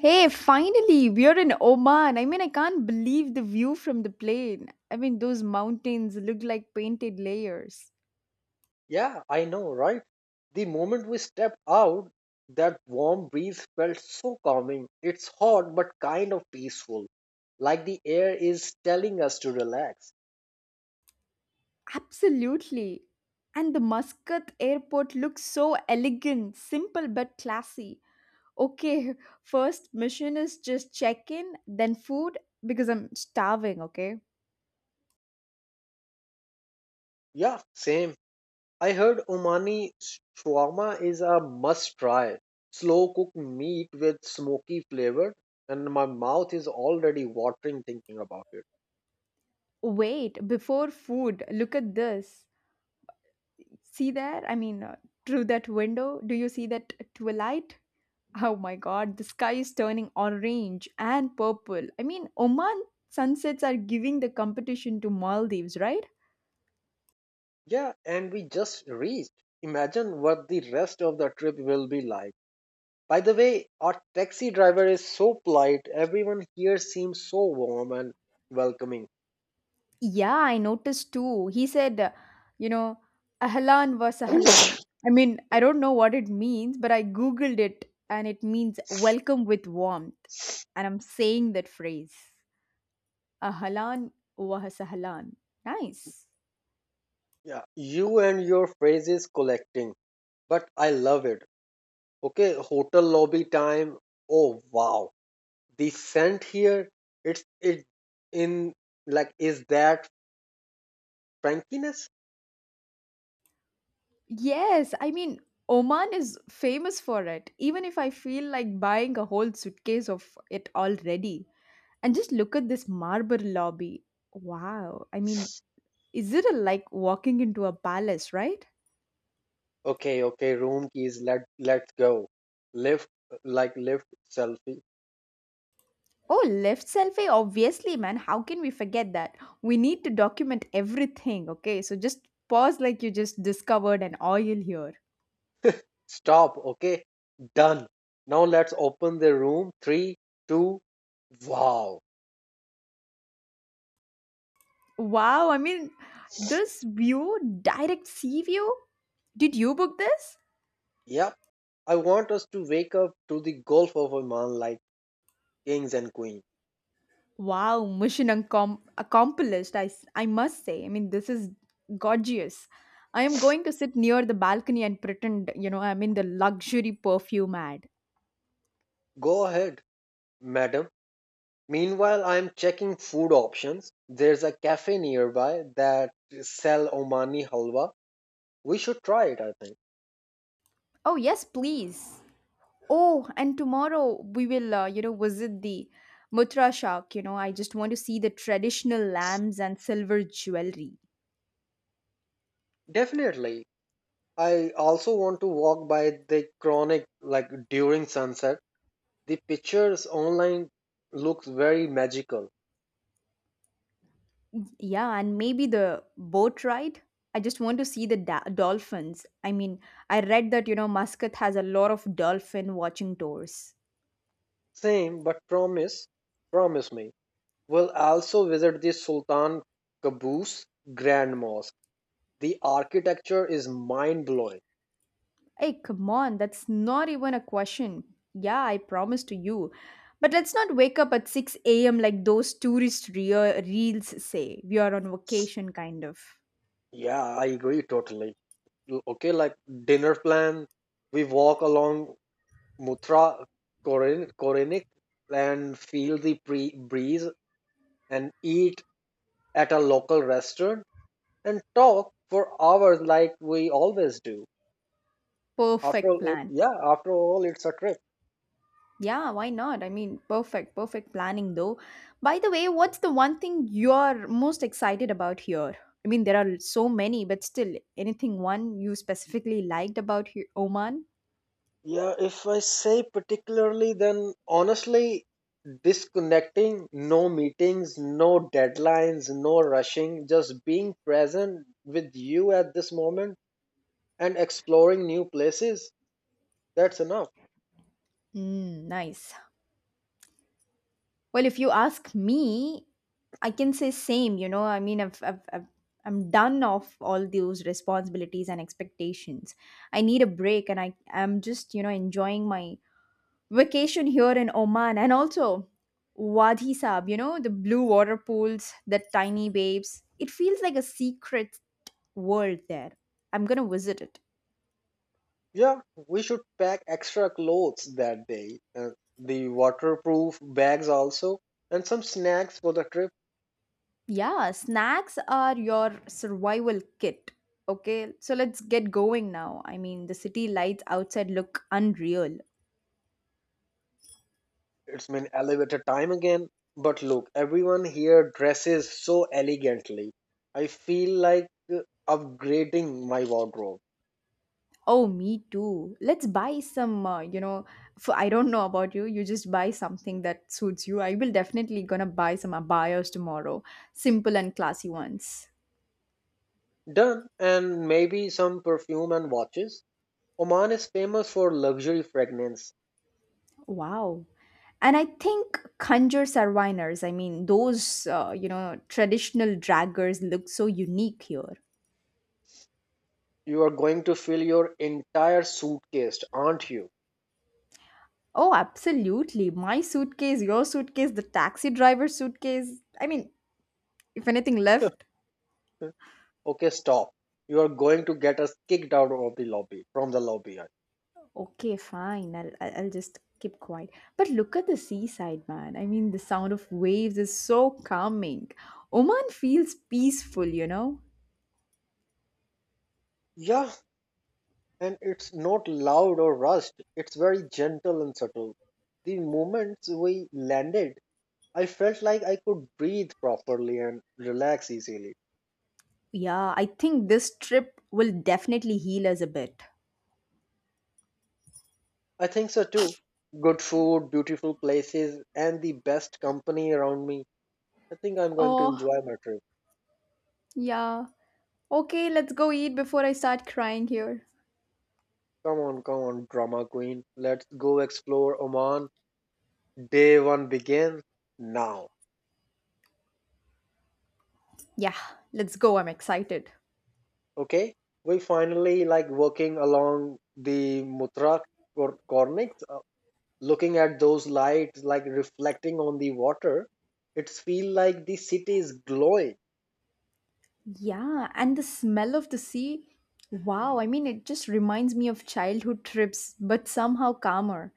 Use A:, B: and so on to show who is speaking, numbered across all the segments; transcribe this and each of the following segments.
A: Hey, finally, we are in Oman. I can't believe the view from the plane. Those mountains look like painted layers.
B: Yeah, I know, right? The moment we stepped out, that warm breeze felt so calming. It's hot but kind of peaceful, like the air is telling us to relax.
A: Absolutely. And the Muscat airport looks so elegant, simple but classy. Okay, first mission is just check in, then food, because I'm starving, okay?
B: Yeah, same. I heard Omani shawarma is a must try. Slow cooked meat with smoky flavor, and my mouth is already watering thinking about it.
A: Wait, before food, look at this. See there? Through that window, do you see that twilight? Oh my god, the sky is turning orange and purple. Oman sunsets are giving the competition to Maldives, right?
B: Yeah, and we just reached. Imagine what the rest of the trip will be like. By the way, our taxi driver is so polite. Everyone here seems so warm and welcoming.
A: Yeah, I noticed too. He said, you know, Ahlan wa Sahlan. I don't know what it means, but I googled it and it means welcome with warmth. And I'm saying that phrase. Ahlan wa Sahlan. Nice.
B: Yeah, you and your phrases collecting, but I love it. Okay, hotel lobby time. Oh wow, the scent here. It's it in like is that Frankiness?
A: Yes, Oman is famous for it. Even if I feel like buying a whole suitcase of it already. And just look at this marble lobby. Wow. Is it a, like walking into a palace, right?
B: Okay, okay. Room keys. Let's go. Lift like lift selfie.
A: Oh, left selfie, obviously, man. How can we forget that? We need to document everything, okay? So just pause like you just discovered an oil here.
B: Stop. Okay. Done. Now let's open the room. Three, two, wow.
A: Wow, this view, direct sea view? Did you book this?
B: Yep. I want us to wake up to the Gulf of Oman like kings and queens.
A: Wow, mission accomplished, I must say. This is gorgeous. I am going to sit near the balcony and pretend, I'm in the luxury perfume ad.
B: Go ahead, madam. Meanwhile, I am checking food options. There's a cafe nearby that sell Omani halwa. We should try it, I think.
A: Oh, yes, please. Oh, and tomorrow we will, visit the Mutra Shak. You know, I just want to see the traditional lamps and silver jewelry.
B: Definitely. I also want to walk by the chronic like during sunset. The pictures online looks very magical.
A: Yeah, and maybe the boat ride. I just want to see the dolphins. I read that, Muscat has a lot of dolphin watching tours.
B: Same, but promise me, we'll also visit the Sultan Qaboos Grand Mosque. The architecture is mind blowing.
A: Hey, come on, that's not even a question. Yeah, I promise to you. But let's not wake up at 6 a.m. like those tourist reels say. We are on vacation, kind of.
B: Yeah, I agree totally. Okay, like dinner plan, we walk along Mutra Korenik and feel the breeze and eat at a local restaurant and talk for hours like we always do. After
A: Perfect
B: all,
A: plan.
B: yeah, after all, it's a trip.
A: Yeah, why not? Perfect, perfect planning though. By the way, what's the one thing you're most excited about here? There are so many, but still, anything one you specifically liked about Oman?
B: Yeah, if I say particularly, then honestly, disconnecting, no meetings, no deadlines, no rushing, just being present with you at this moment and exploring new places, that's enough.
A: Mm, nice. Well, if you ask me, I can say same. I'm done of all those responsibilities and expectations. I need a break, and I am just enjoying my vacation here in Oman, and also Wadi Sab. You know, the blue water pools, the tiny waves. It feels like a secret world there. I'm gonna visit it.
B: Yeah, we should pack extra clothes that day, the waterproof bags also, and some snacks for the trip.
A: Yeah, snacks are your survival kit. Okay, so let's get going now. The city lights outside look unreal.
B: It's been elevator time again. But look, everyone here dresses so elegantly. I feel like uh, upgrading my wardrobe.
A: Oh, me too. Let's buy some, for, I don't know about you. You just buy something that suits you. I will definitely gonna buy some abayas tomorrow. Simple and classy ones.
B: Done, and maybe some perfume and watches. Oman is famous for luxury fragrance.
A: Wow. And I think conjure sarviners, those, traditional draggers look so unique here.
B: You are going to fill your entire suitcase, aren't you?
A: Oh, absolutely. My suitcase, your suitcase, the taxi driver's suitcase. If anything left.
B: Okay, stop. You are going to get us kicked out of the lobby, from the lobby.
A: Okay, fine. I'll just keep quiet. But look at the seaside, man. The sound of waves is so calming. Oman feels peaceful, you know?
B: Yeah, and it's not loud or rushed, it's very gentle and subtle. The moment we landed, I felt like I could breathe properly and relax easily.
A: Yeah, I think this trip will definitely heal us a bit.
B: I think so too. Good food, beautiful places, and the best company around me. I think I'm going to
A: Oh,
B: enjoy my trip.
A: yeah. Okay, let's go eat before I start crying here.
B: Come on, come on, drama queen. Let's go explore Oman. Day one begins now.
A: Yeah, let's go. I'm excited.
B: Okay? We finally like walking along the Mutrak Cornics, looking at those lights like reflecting on the water. It's feel like the city is glowing.
A: Yeah, and the smell of the sea. Wow, it just reminds me of childhood trips, but somehow calmer.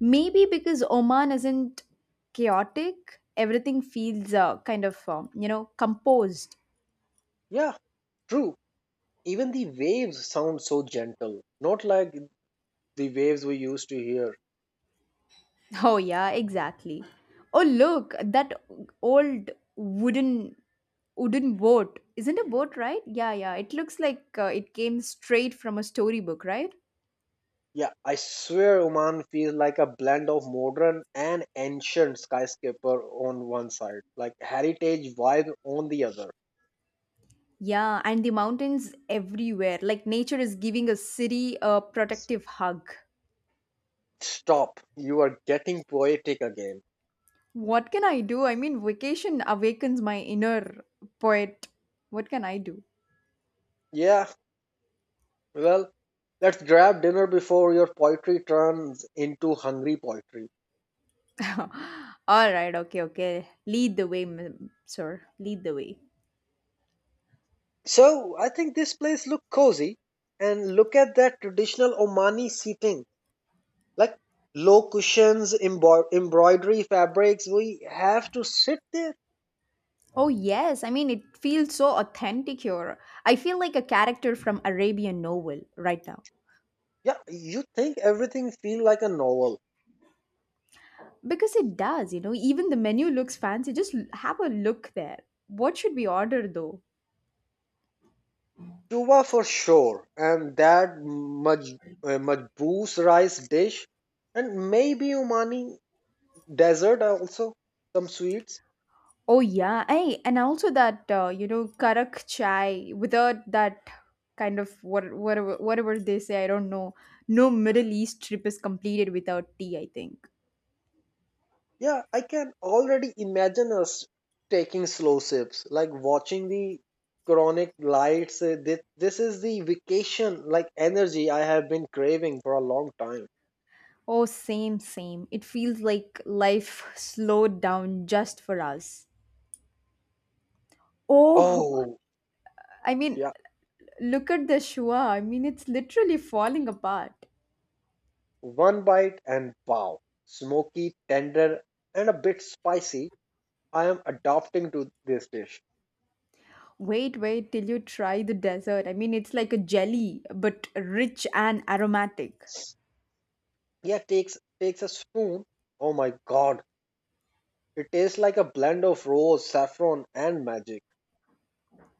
A: Maybe because Oman isn't chaotic, everything feels kind of, composed.
B: Yeah, true. Even the waves sound so gentle, not like the waves we used to hear.
A: Oh, yeah, exactly. Oh, look, that old wooden wooden boat. Isn't a boat, right? Yeah, yeah. It looks like it came straight from a storybook, right?
B: Yeah, I swear Oman feels like a blend of modern and ancient skyscraper on one side, like heritage vibe on the other.
A: Yeah, and the mountains everywhere. Like nature is giving a city a protective hug.
B: Stop, you are getting poetic again.
A: What can I do? Vacation awakens my inner poet. What can I do?
B: Yeah, well, let's grab dinner before your poetry turns into hungry poetry.
A: All right, okay, okay. Lead the way, ma'am, sir. Lead the way.
B: So I think this place look cozy, and look at that traditional Omani seating, like low cushions, embroidery fabrics. We have to sit there.
A: Oh, yes. It feels so authentic here. I feel like a character from Arabian novel right now.
B: Yeah, you think everything feel like a novel.
A: Because it does, you know, even the menu looks fancy. Just have a look there. What should we order though?
B: Chuva for sure, and that majboos rice dish, and maybe Omani dessert also, some sweets.
A: Oh yeah, hey, and also that karak chai without that kind of whatever they say, I don't know. No Middle East trip is completed without tea, I think.
B: Yeah, I can already imagine us taking slow sips, like watching the chronic lights. This is the vacation, like energy I have been craving for a long time.
A: Oh, same, same. It feels like life slowed down just for us. Oh,
B: Oh,
A: I mean,
B: yeah.
A: look at the Shua. It's literally falling apart.
B: One bite and wow. Smoky, tender, and a bit spicy. I am adapting to this dish.
A: Wait, wait till you try the dessert. It's like a jelly, but rich and aromatic.
B: Yeah, takes a spoon. Oh my god. It tastes like a blend of rose, saffron, and magic.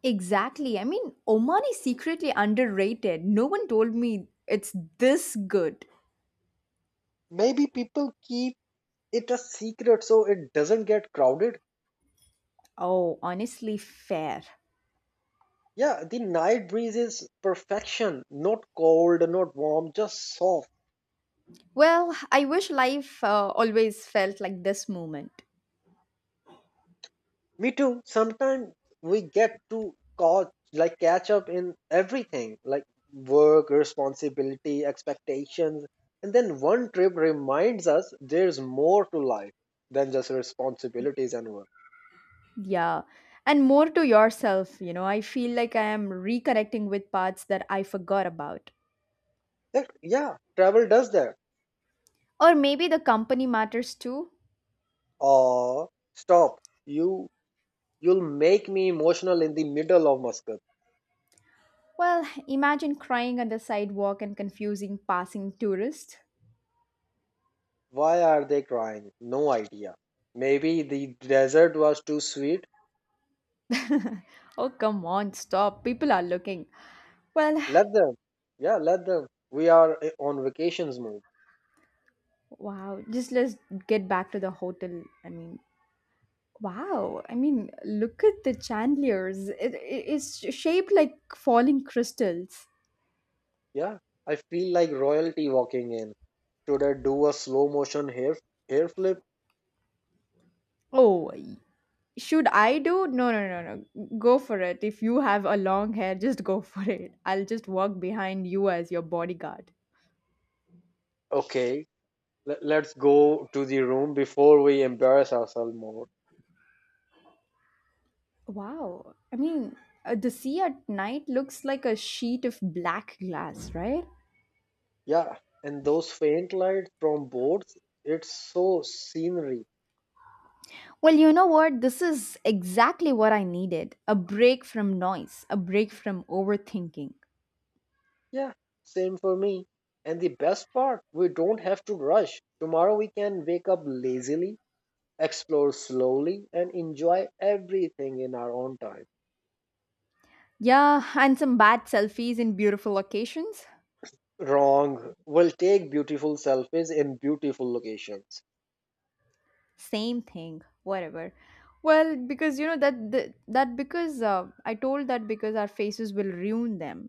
A: Exactly. Oman is secretly underrated. No one told me it's this good.
B: Maybe people keep. It's a secret, so it doesn't get crowded.
A: Oh, honestly, fair.
B: Yeah, the night breeze is perfection. Not cold, not warm, just soft.
A: Well, I wish life always felt like this moment.
B: Me too. Sometimes we get to like catch up in everything, like work, responsibility, expectations, and then one trip reminds us there's more to life than just responsibilities and work.
A: Yeah. And more to yourself, you know, I feel like I am reconnecting with parts that I forgot about.
B: Like, yeah, travel does that.
A: Or maybe the company matters too.
B: Oh, stop. You you'll make me emotional in the middle of Muscat.
A: Well, imagine crying on the sidewalk and confusing passing tourists.
B: Why are they crying? No idea. Maybe the desert was too sweet.
A: oh, come on, stop. People are looking. Well,
B: Let them. Yeah, let them. We are on vacations mode.
A: wow, just let's get back to the hotel. Wow. Look at the chandeliers. It's shaped like falling crystals.
B: Yeah, I feel like royalty walking in. Should I do a slow motion hair flip?
A: Oh, should I do? No, no, no, no. Go for it. If you have a long hair, just go for it. I'll just walk behind you as your bodyguard.
B: Okay, let's go to the room before we embarrass ourselves more.
A: Wow. The sea at night looks like a sheet of black glass, right?
B: Yeah, and those faint lights from boards, it's so scenery.
A: Well, you know what? This is exactly what I needed a break from noise, a break from overthinking.
B: Yeah, same for me. And the best part, we don't have to rush. Tomorrow we can wake up lazily, explore slowly, and enjoy everything in our own time.
A: Yeah, and some bad selfies in beautiful locations.
B: Wrong. We'll take beautiful selfies in beautiful locations.
A: Same thing, whatever. Well, because you know that that, that because I told that because our faces will ruin them.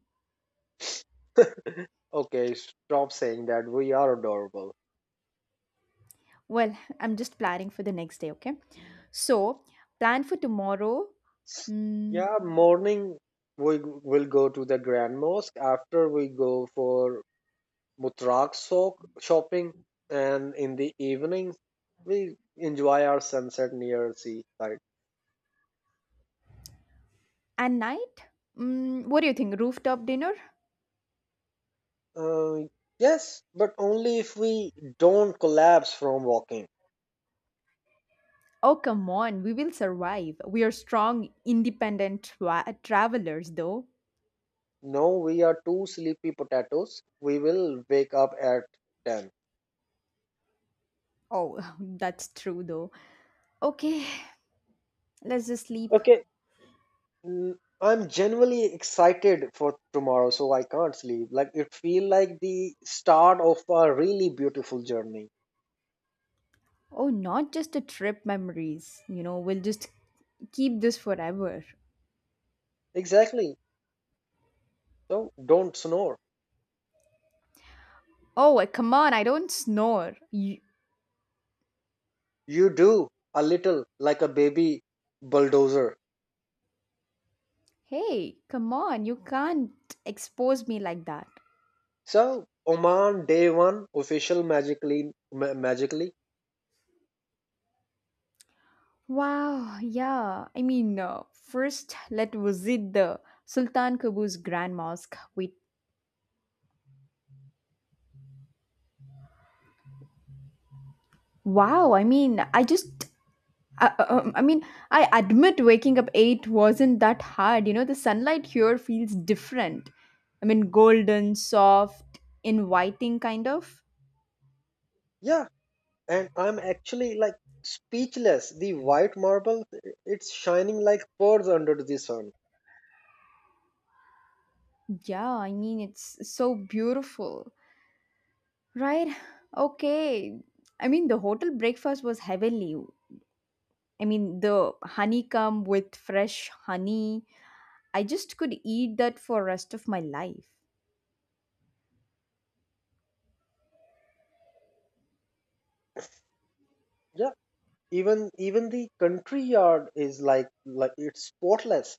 B: Okay, stop saying that. We are adorable.
A: Well, I'm just planning for the next day, okay? So, plan for tomorrow mm,
B: Yeah, morning we will go to the Grand Mosque. After we go for Mutrak sok shopping, and in the evening we enjoy our sunset near seaside.
A: and night. Mm, what do you think? Rooftop dinner?
B: Uh, yes, but only if we don't collapse from walking.
A: Oh, come on, we will survive. We are strong, independent travelers, though.
B: No, we are two sleepy potatoes. We will wake up at 10.
A: Oh, that's true, though. Okay, let's just sleep.
B: Okay, mm, I'm genuinely excited for tomorrow, so I can't sleep. Like it feel like the start of a really beautiful journey.
A: Oh, not just a trip memories. You know, we'll just keep this forever.
B: Exactly. So don't snore.
A: Oh, come on, I don't snore. You-
B: You do a little like a baby bulldozer.
A: hey, come on, you can't expose me like that.
B: So Oman day one official magically magically.
A: Wow, yeah. First, let's visit the Sultan Qaboos Grand Mosque. We wow, I just I mean, I admit waking up 8 wasn't that hard. You know, the sunlight here feels different. Golden, soft, inviting kind of.
B: Yeah, and I'm actually like speechless. The white marble, it's shining like pearls under the sun.
A: Yeah, it's so beautiful. Right? Okay. The hotel breakfast was heavenly. The honeycomb with fresh honey. I just could eat that for rest of my life.
B: Yeah, even the country yard is like it's spotless.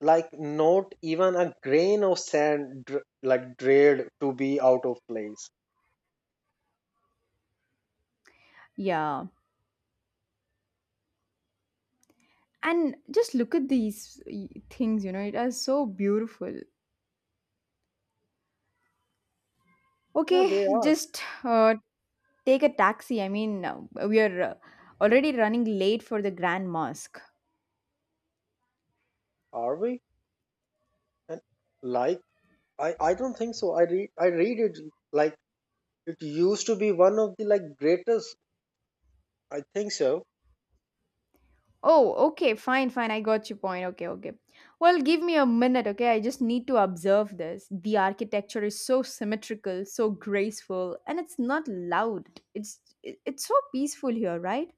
B: Like, not even a grain of sand like dread to be out of place.
A: Yeah, and just look at these things, you know, it is so beautiful.
B: Yeah, they
A: Okay,
B: are.
A: just take a taxi. We are already running late for the Grand Mosque.
B: Are we? And like I don't think so. I read it, like, it used to be one of the like greatest. I think so.
A: Oh, okay, fine, fine. I got your point. Okay, okay. Well, give me a minute, okay? I just need to observe this. The architecture is so symmetrical, so graceful, and it's not loud. It's so peaceful here, right?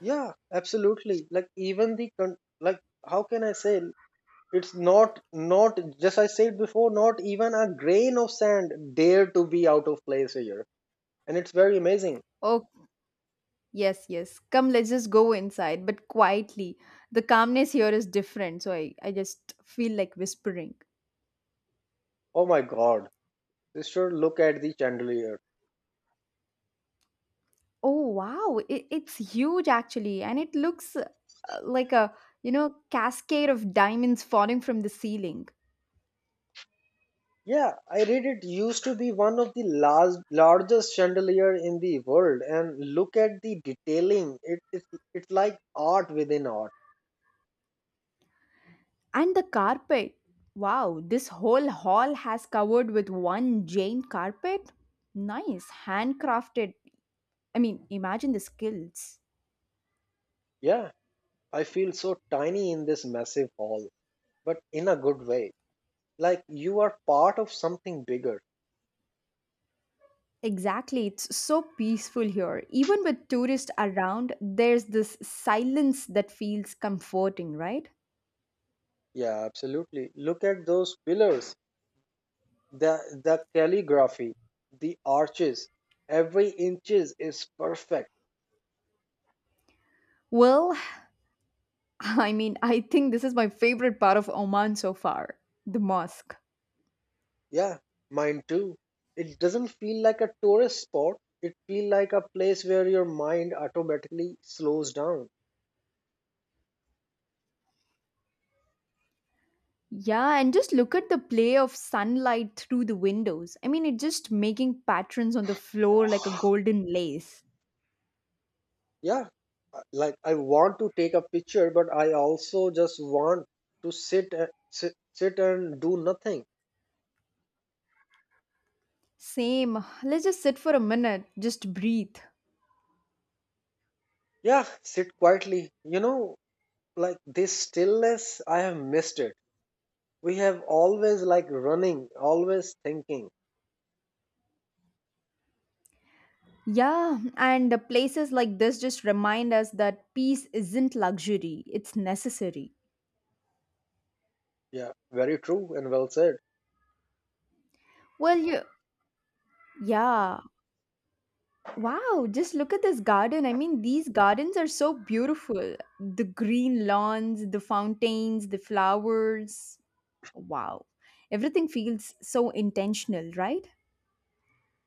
B: Yeah, absolutely. Like, even the like, how can I say, it's not just I said before, not even a grain of sand dare to be out of place here, and it's very amazing.
A: Yes, yes. Come, let's just go inside, but quietly. The calmness here is different, so I just feel like whispering.
B: Oh my God, sister, look at the chandelier.
A: Oh, wow. It's huge, actually, and it looks like a, you know, cascade of diamonds falling from the ceiling.
B: Yeah, I read it used to be one of the last, largest chandelier in the world, and look at the detailing. It's like art within art.
A: And the carpet. Wow, this whole hall has covered with one Jane carpet. Nice, handcrafted. Imagine the skills.
B: Yeah, I feel so tiny in this massive hall, but in a good way. Like, you are part of something bigger.
A: Exactly. It's so peaceful here. Even with tourists around, there's this silence that feels comforting, right?
B: Yeah, absolutely. Look at those pillars, the the calligraphy, the arches. Every inches is perfect.
A: Well, I think this is my favorite part of Oman so far the mosque.
B: Yeah, mine too. It doesn't feel like a tourist spot. It feels like a place where your mind automatically slows down.
A: Yeah, and just look at the play of sunlight through the windows. It's just making patterns on the floor like a golden lace.
B: Yeah, like I want to take a picture, but I also just want to sit and do nothing.
A: Same. Let's just sit for a minute, just breathe.
B: Yeah, sit quietly. Like, this stillness, I have missed it. We have always like running, always thinking.
A: Yeah, and places like this just remind us that peace isn't luxury, it's necessary.
B: Yeah, very true and well said.
A: Well, you, yeah. Wow, just look at this garden. These gardens are so beautiful. The green lawns, the fountains, the flowers. Wow. Everything feels so intentional, right?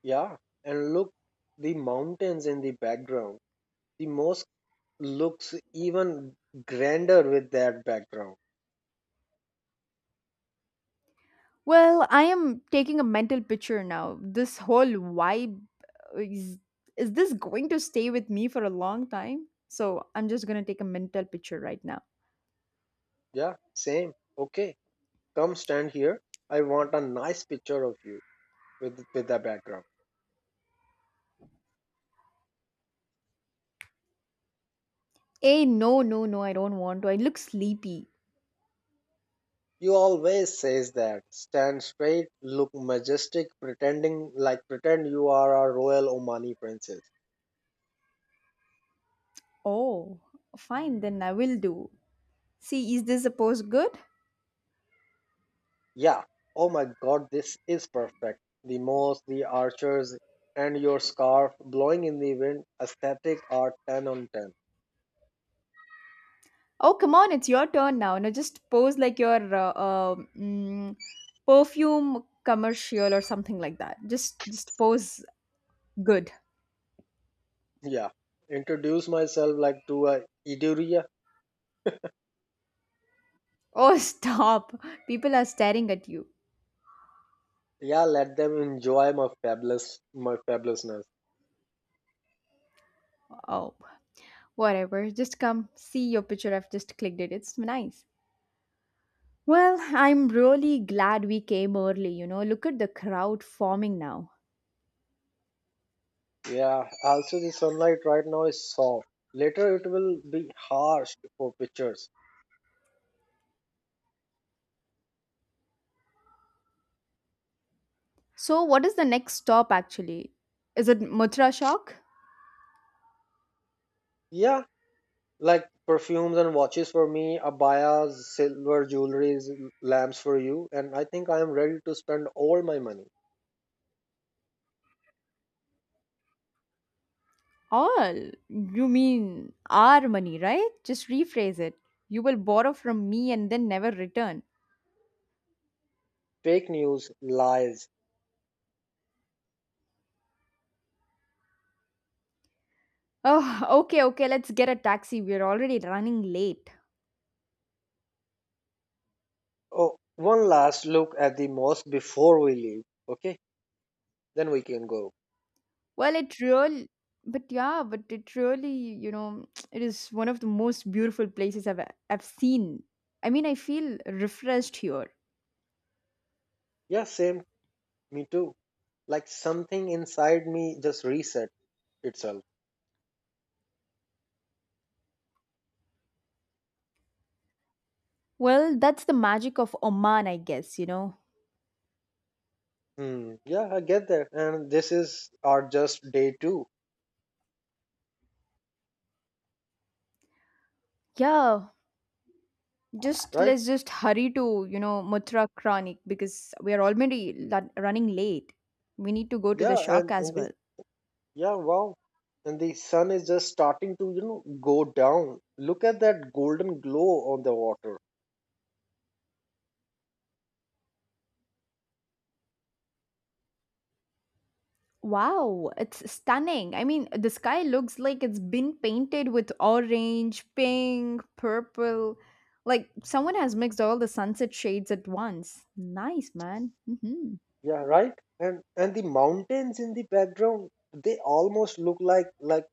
B: Yeah, and look, the mountains in the background. The mosque looks even grander with that background.
A: Well, I am taking a mental picture now. This whole vibe uh, is, is this going to stay with me for a long time? So I'm just gonna take a mental picture right now.
B: Yeah, same. Okay, come stand here. I want a nice picture of you with the background.
A: Hey, no, no, no, I don't want to. I look sleepy.
B: You always says that. Stand straight, look majestic, pretend you are a royal Omani princess.
A: Oh, fine, then I will do. See, is this a pose good?
B: Yeah. Oh my god, this is perfect. The mosque, the archers, and your scarf blowing in the wind, aesthetic are 10 on 10.
A: Oh, come on, it's your turn now. Now just pose like your perfume commercial or something like that. Just pose good.
B: Yeah, introduce myself like to a Iduria.
A: Oh, stop. People are staring at you.
B: Yeah, let them enjoy my fabulousness.
A: Oh, whatever. Just come see your picture. I've just clicked it. It's nice. Well, I'm really glad we came early, you know. Look at the crowd forming now.
B: Yeah, also the sunlight right now is soft. Later it will be harsh for pictures.
A: So, what is the next stop actually? Is it Mutra Shock?
B: Yeah, like perfumes and watches for me, abayas, silver jewelries, lamps for you, and I think I am ready to spend all my money.
A: All. You mean our money, right? Just rephrase it. You will borrow from me and then never return.
B: Fake news, lies.
A: Oh, okay, okay. Let's get a taxi. We're already running late.
B: Oh, one last look at the mosque before we leave. Okay, then we can go.
A: Well, it really, but yeah, but it really, you know, it is one of the most beautiful places I've seen. I mean, I feel refreshed here.
B: Yeah, same. Me too. Like, something inside me just reset itself.
A: Well, that's the magic of Oman, I guess, you know.
B: Hmm. Yeah, I get that. And this is our just day two,
A: Yeah, just
B: right?
A: let's just hurry to, Muthra Chronic because we are already running late. We need to go to the
B: Yeah,
A: shock
B: and
A: as
B: in the
A: well.
B: yeah, wow. And the sun is just starting to go down. Look at that golden glow on the water.
A: Wow, it's stunning. I mean, the sky looks like it's been painted with orange, pink, purple. Like someone has mixed all the sunset shades at once. Nice, man.
B: Yeah, right? And the mountains in the background, they almost look like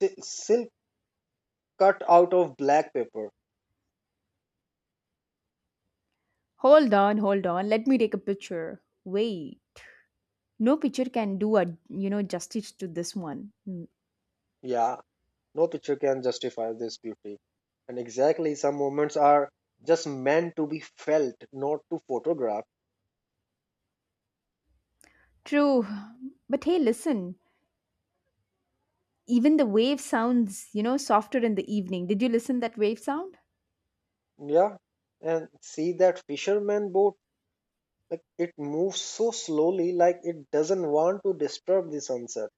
B: silk cut out of black paper.
A: Hold on, hold on. Let me take a picture. Wait, no picture can do a justice to this one. Mm.
B: Yeah, no picture can justify this beauty. And exactly, some moments are just meant to be felt, not to photograph.
A: True, but hey, listen. Even the wave sounds softer in the evening. Did you listen that wave sound?
B: Yeah. And see that fisherman boat, like it moves so slowly, like it doesn't want to disturb the sunset.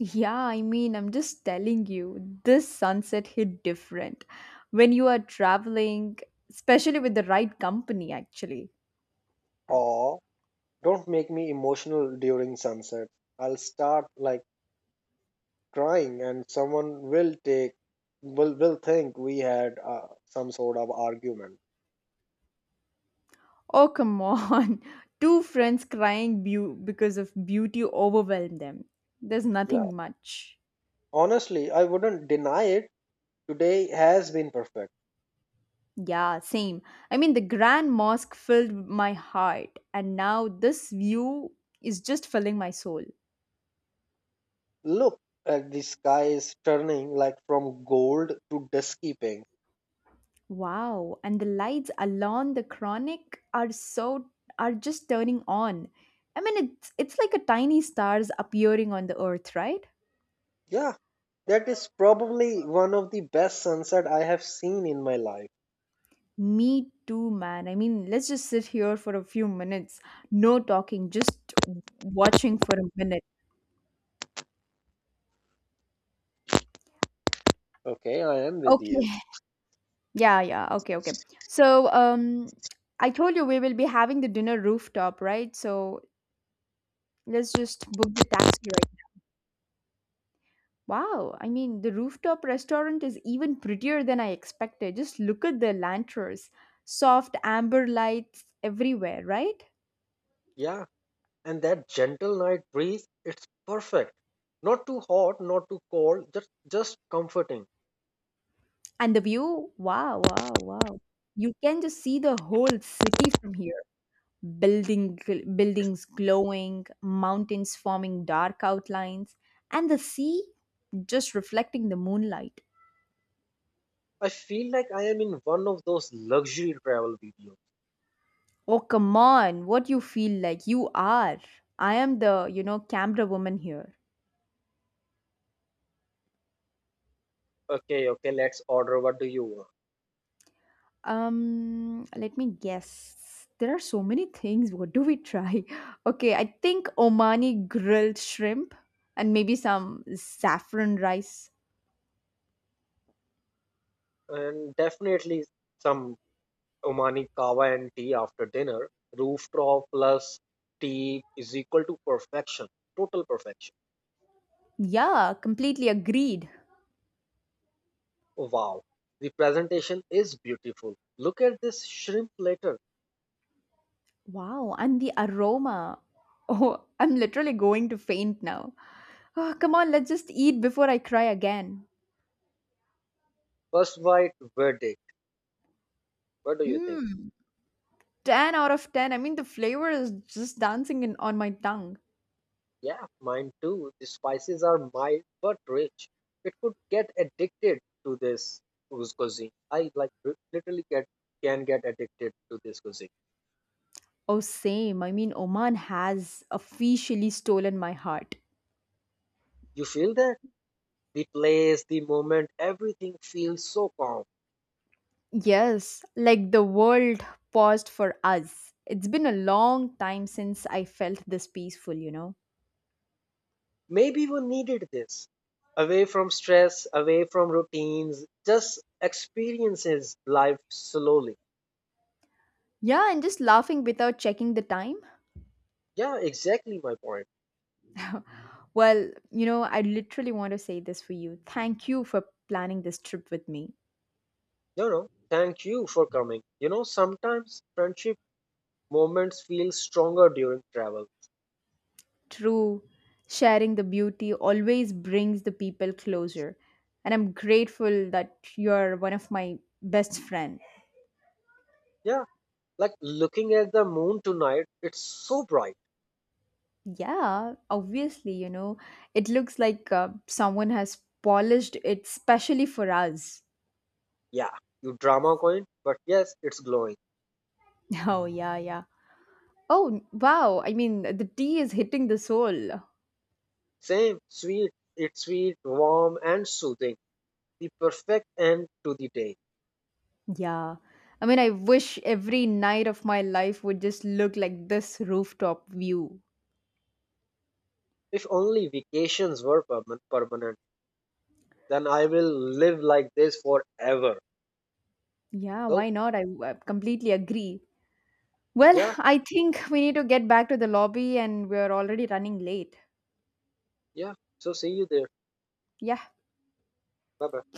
A: Yeah, I mean, I'm just telling you, this sunset hit different when you are traveling, especially with the right company, actually.
B: Or don't make me emotional during sunset. I'll start like crying, and someone will take, will think we had some sort of argument.
A: Oh, come on. Two friends crying because of beauty overwhelmed them. There's
B: Yeah.
A: nothing much.
B: Honestly, I wouldn't deny it. Today has been perfect.
A: Yeah, same. I mean, the Grand Mosque filled my heart, and now this view is just filling my soul.
B: Look at the sky is turning like from gold to dusky pink.
A: Wow, and the lights along the chronic are just turning on. I mean, it's like a tiny stars appearing on the earth, right?
B: Yeah, that is probably one of the best sunset I have seen in my life.
A: Me too, man. I mean, let's just sit here for a few minutes. No talking, just watching for a minute.
B: Okay, I am with you.
A: Okay. Yeah, yeah. Okay, okay. So, I told you we will be having the dinner rooftop, right? So let's just book the taxi right now. Wow, I mean, the rooftop restaurant is even prettier than I expected. Just look at the lanterns, soft amber lights everywhere, right?
B: Yeah, and that gentle night breeze, it's perfect. Not too hot, not too cold, just comforting.
A: And the view, wow, wow, wow. You can just see the whole city from here. Buildings glowing, mountains forming dark outlines, and the sea just reflecting the moonlight.
B: I feel like I am in one of those luxury travel videos.
A: Oh, come on. What you feel like you are. I am the, camera woman here.
B: Okay, okay, let's order, what do you want?
A: Let me guess. There are so many things. What do we try? Okay, I think Omani grilled shrimp and maybe some saffron rice.
B: And definitely some Omani kava and tea after dinner, rooftop plus tea is equal to perfection, total perfection.
A: Yeah, completely agreed.
B: Wow, the presentation is beautiful. Look at this shrimp platter.
A: Wow, and the aroma. Oh, I'm literally going to faint now. Oh, come on, let's just eat before I cry again.
B: First bite verdict. What do you think?
A: Mmm. 10 out of 10. I mean, the flavor is just dancing in, on my tongue.
B: Yeah, mine too. The spices are mild but rich. It could get addicted to this cuisine. I like literally get can get addicted to this cuisine.
A: Oh, same. I mean, Oman has officially stolen my heart.
B: You feel that, the place, the moment, everything feels so calm.
A: Yes, like the world paused for us. It's been a long time since I felt this peaceful, you know?
B: Maybe you needed this, away from stress, away from routines, just experiences life slowly.
A: Yeah, and just laughing without checking the time.
B: Yeah, exactly my point.
A: Well, you know, I literally want to say this for you. Thank you for planning this trip with me.
B: You know, thank you for coming. You know, sometimes friendship moments feel stronger during travel.
A: True, sharing the beauty always brings the people closer. And I'm grateful that you're one of my best friend.
B: Yeah, like looking at the moon tonight, it's so bright.
A: Yeah, obviously, you know, it looks like someone has polished it specially for us.
B: Yeah, you drama queen, but yes, it's glowing.
A: Oh, yeah, yeah. Oh, wow. I mean, the tea is hitting the soul.
B: Same, sweet, it's sweet, warm, and soothing. The perfect end to the day.
A: Yeah. I mean, I wish every night of my life would just look like this rooftop view.
B: If only vacations were permanent, then I will live like this forever.
A: Yeah,
B: So,
A: why not? I completely agree. Well,
B: yeah,
A: I think we need to get back to the lobby and we're already running late.
B: yeah. So, see you there.
A: Yeah,
B: Bye bye.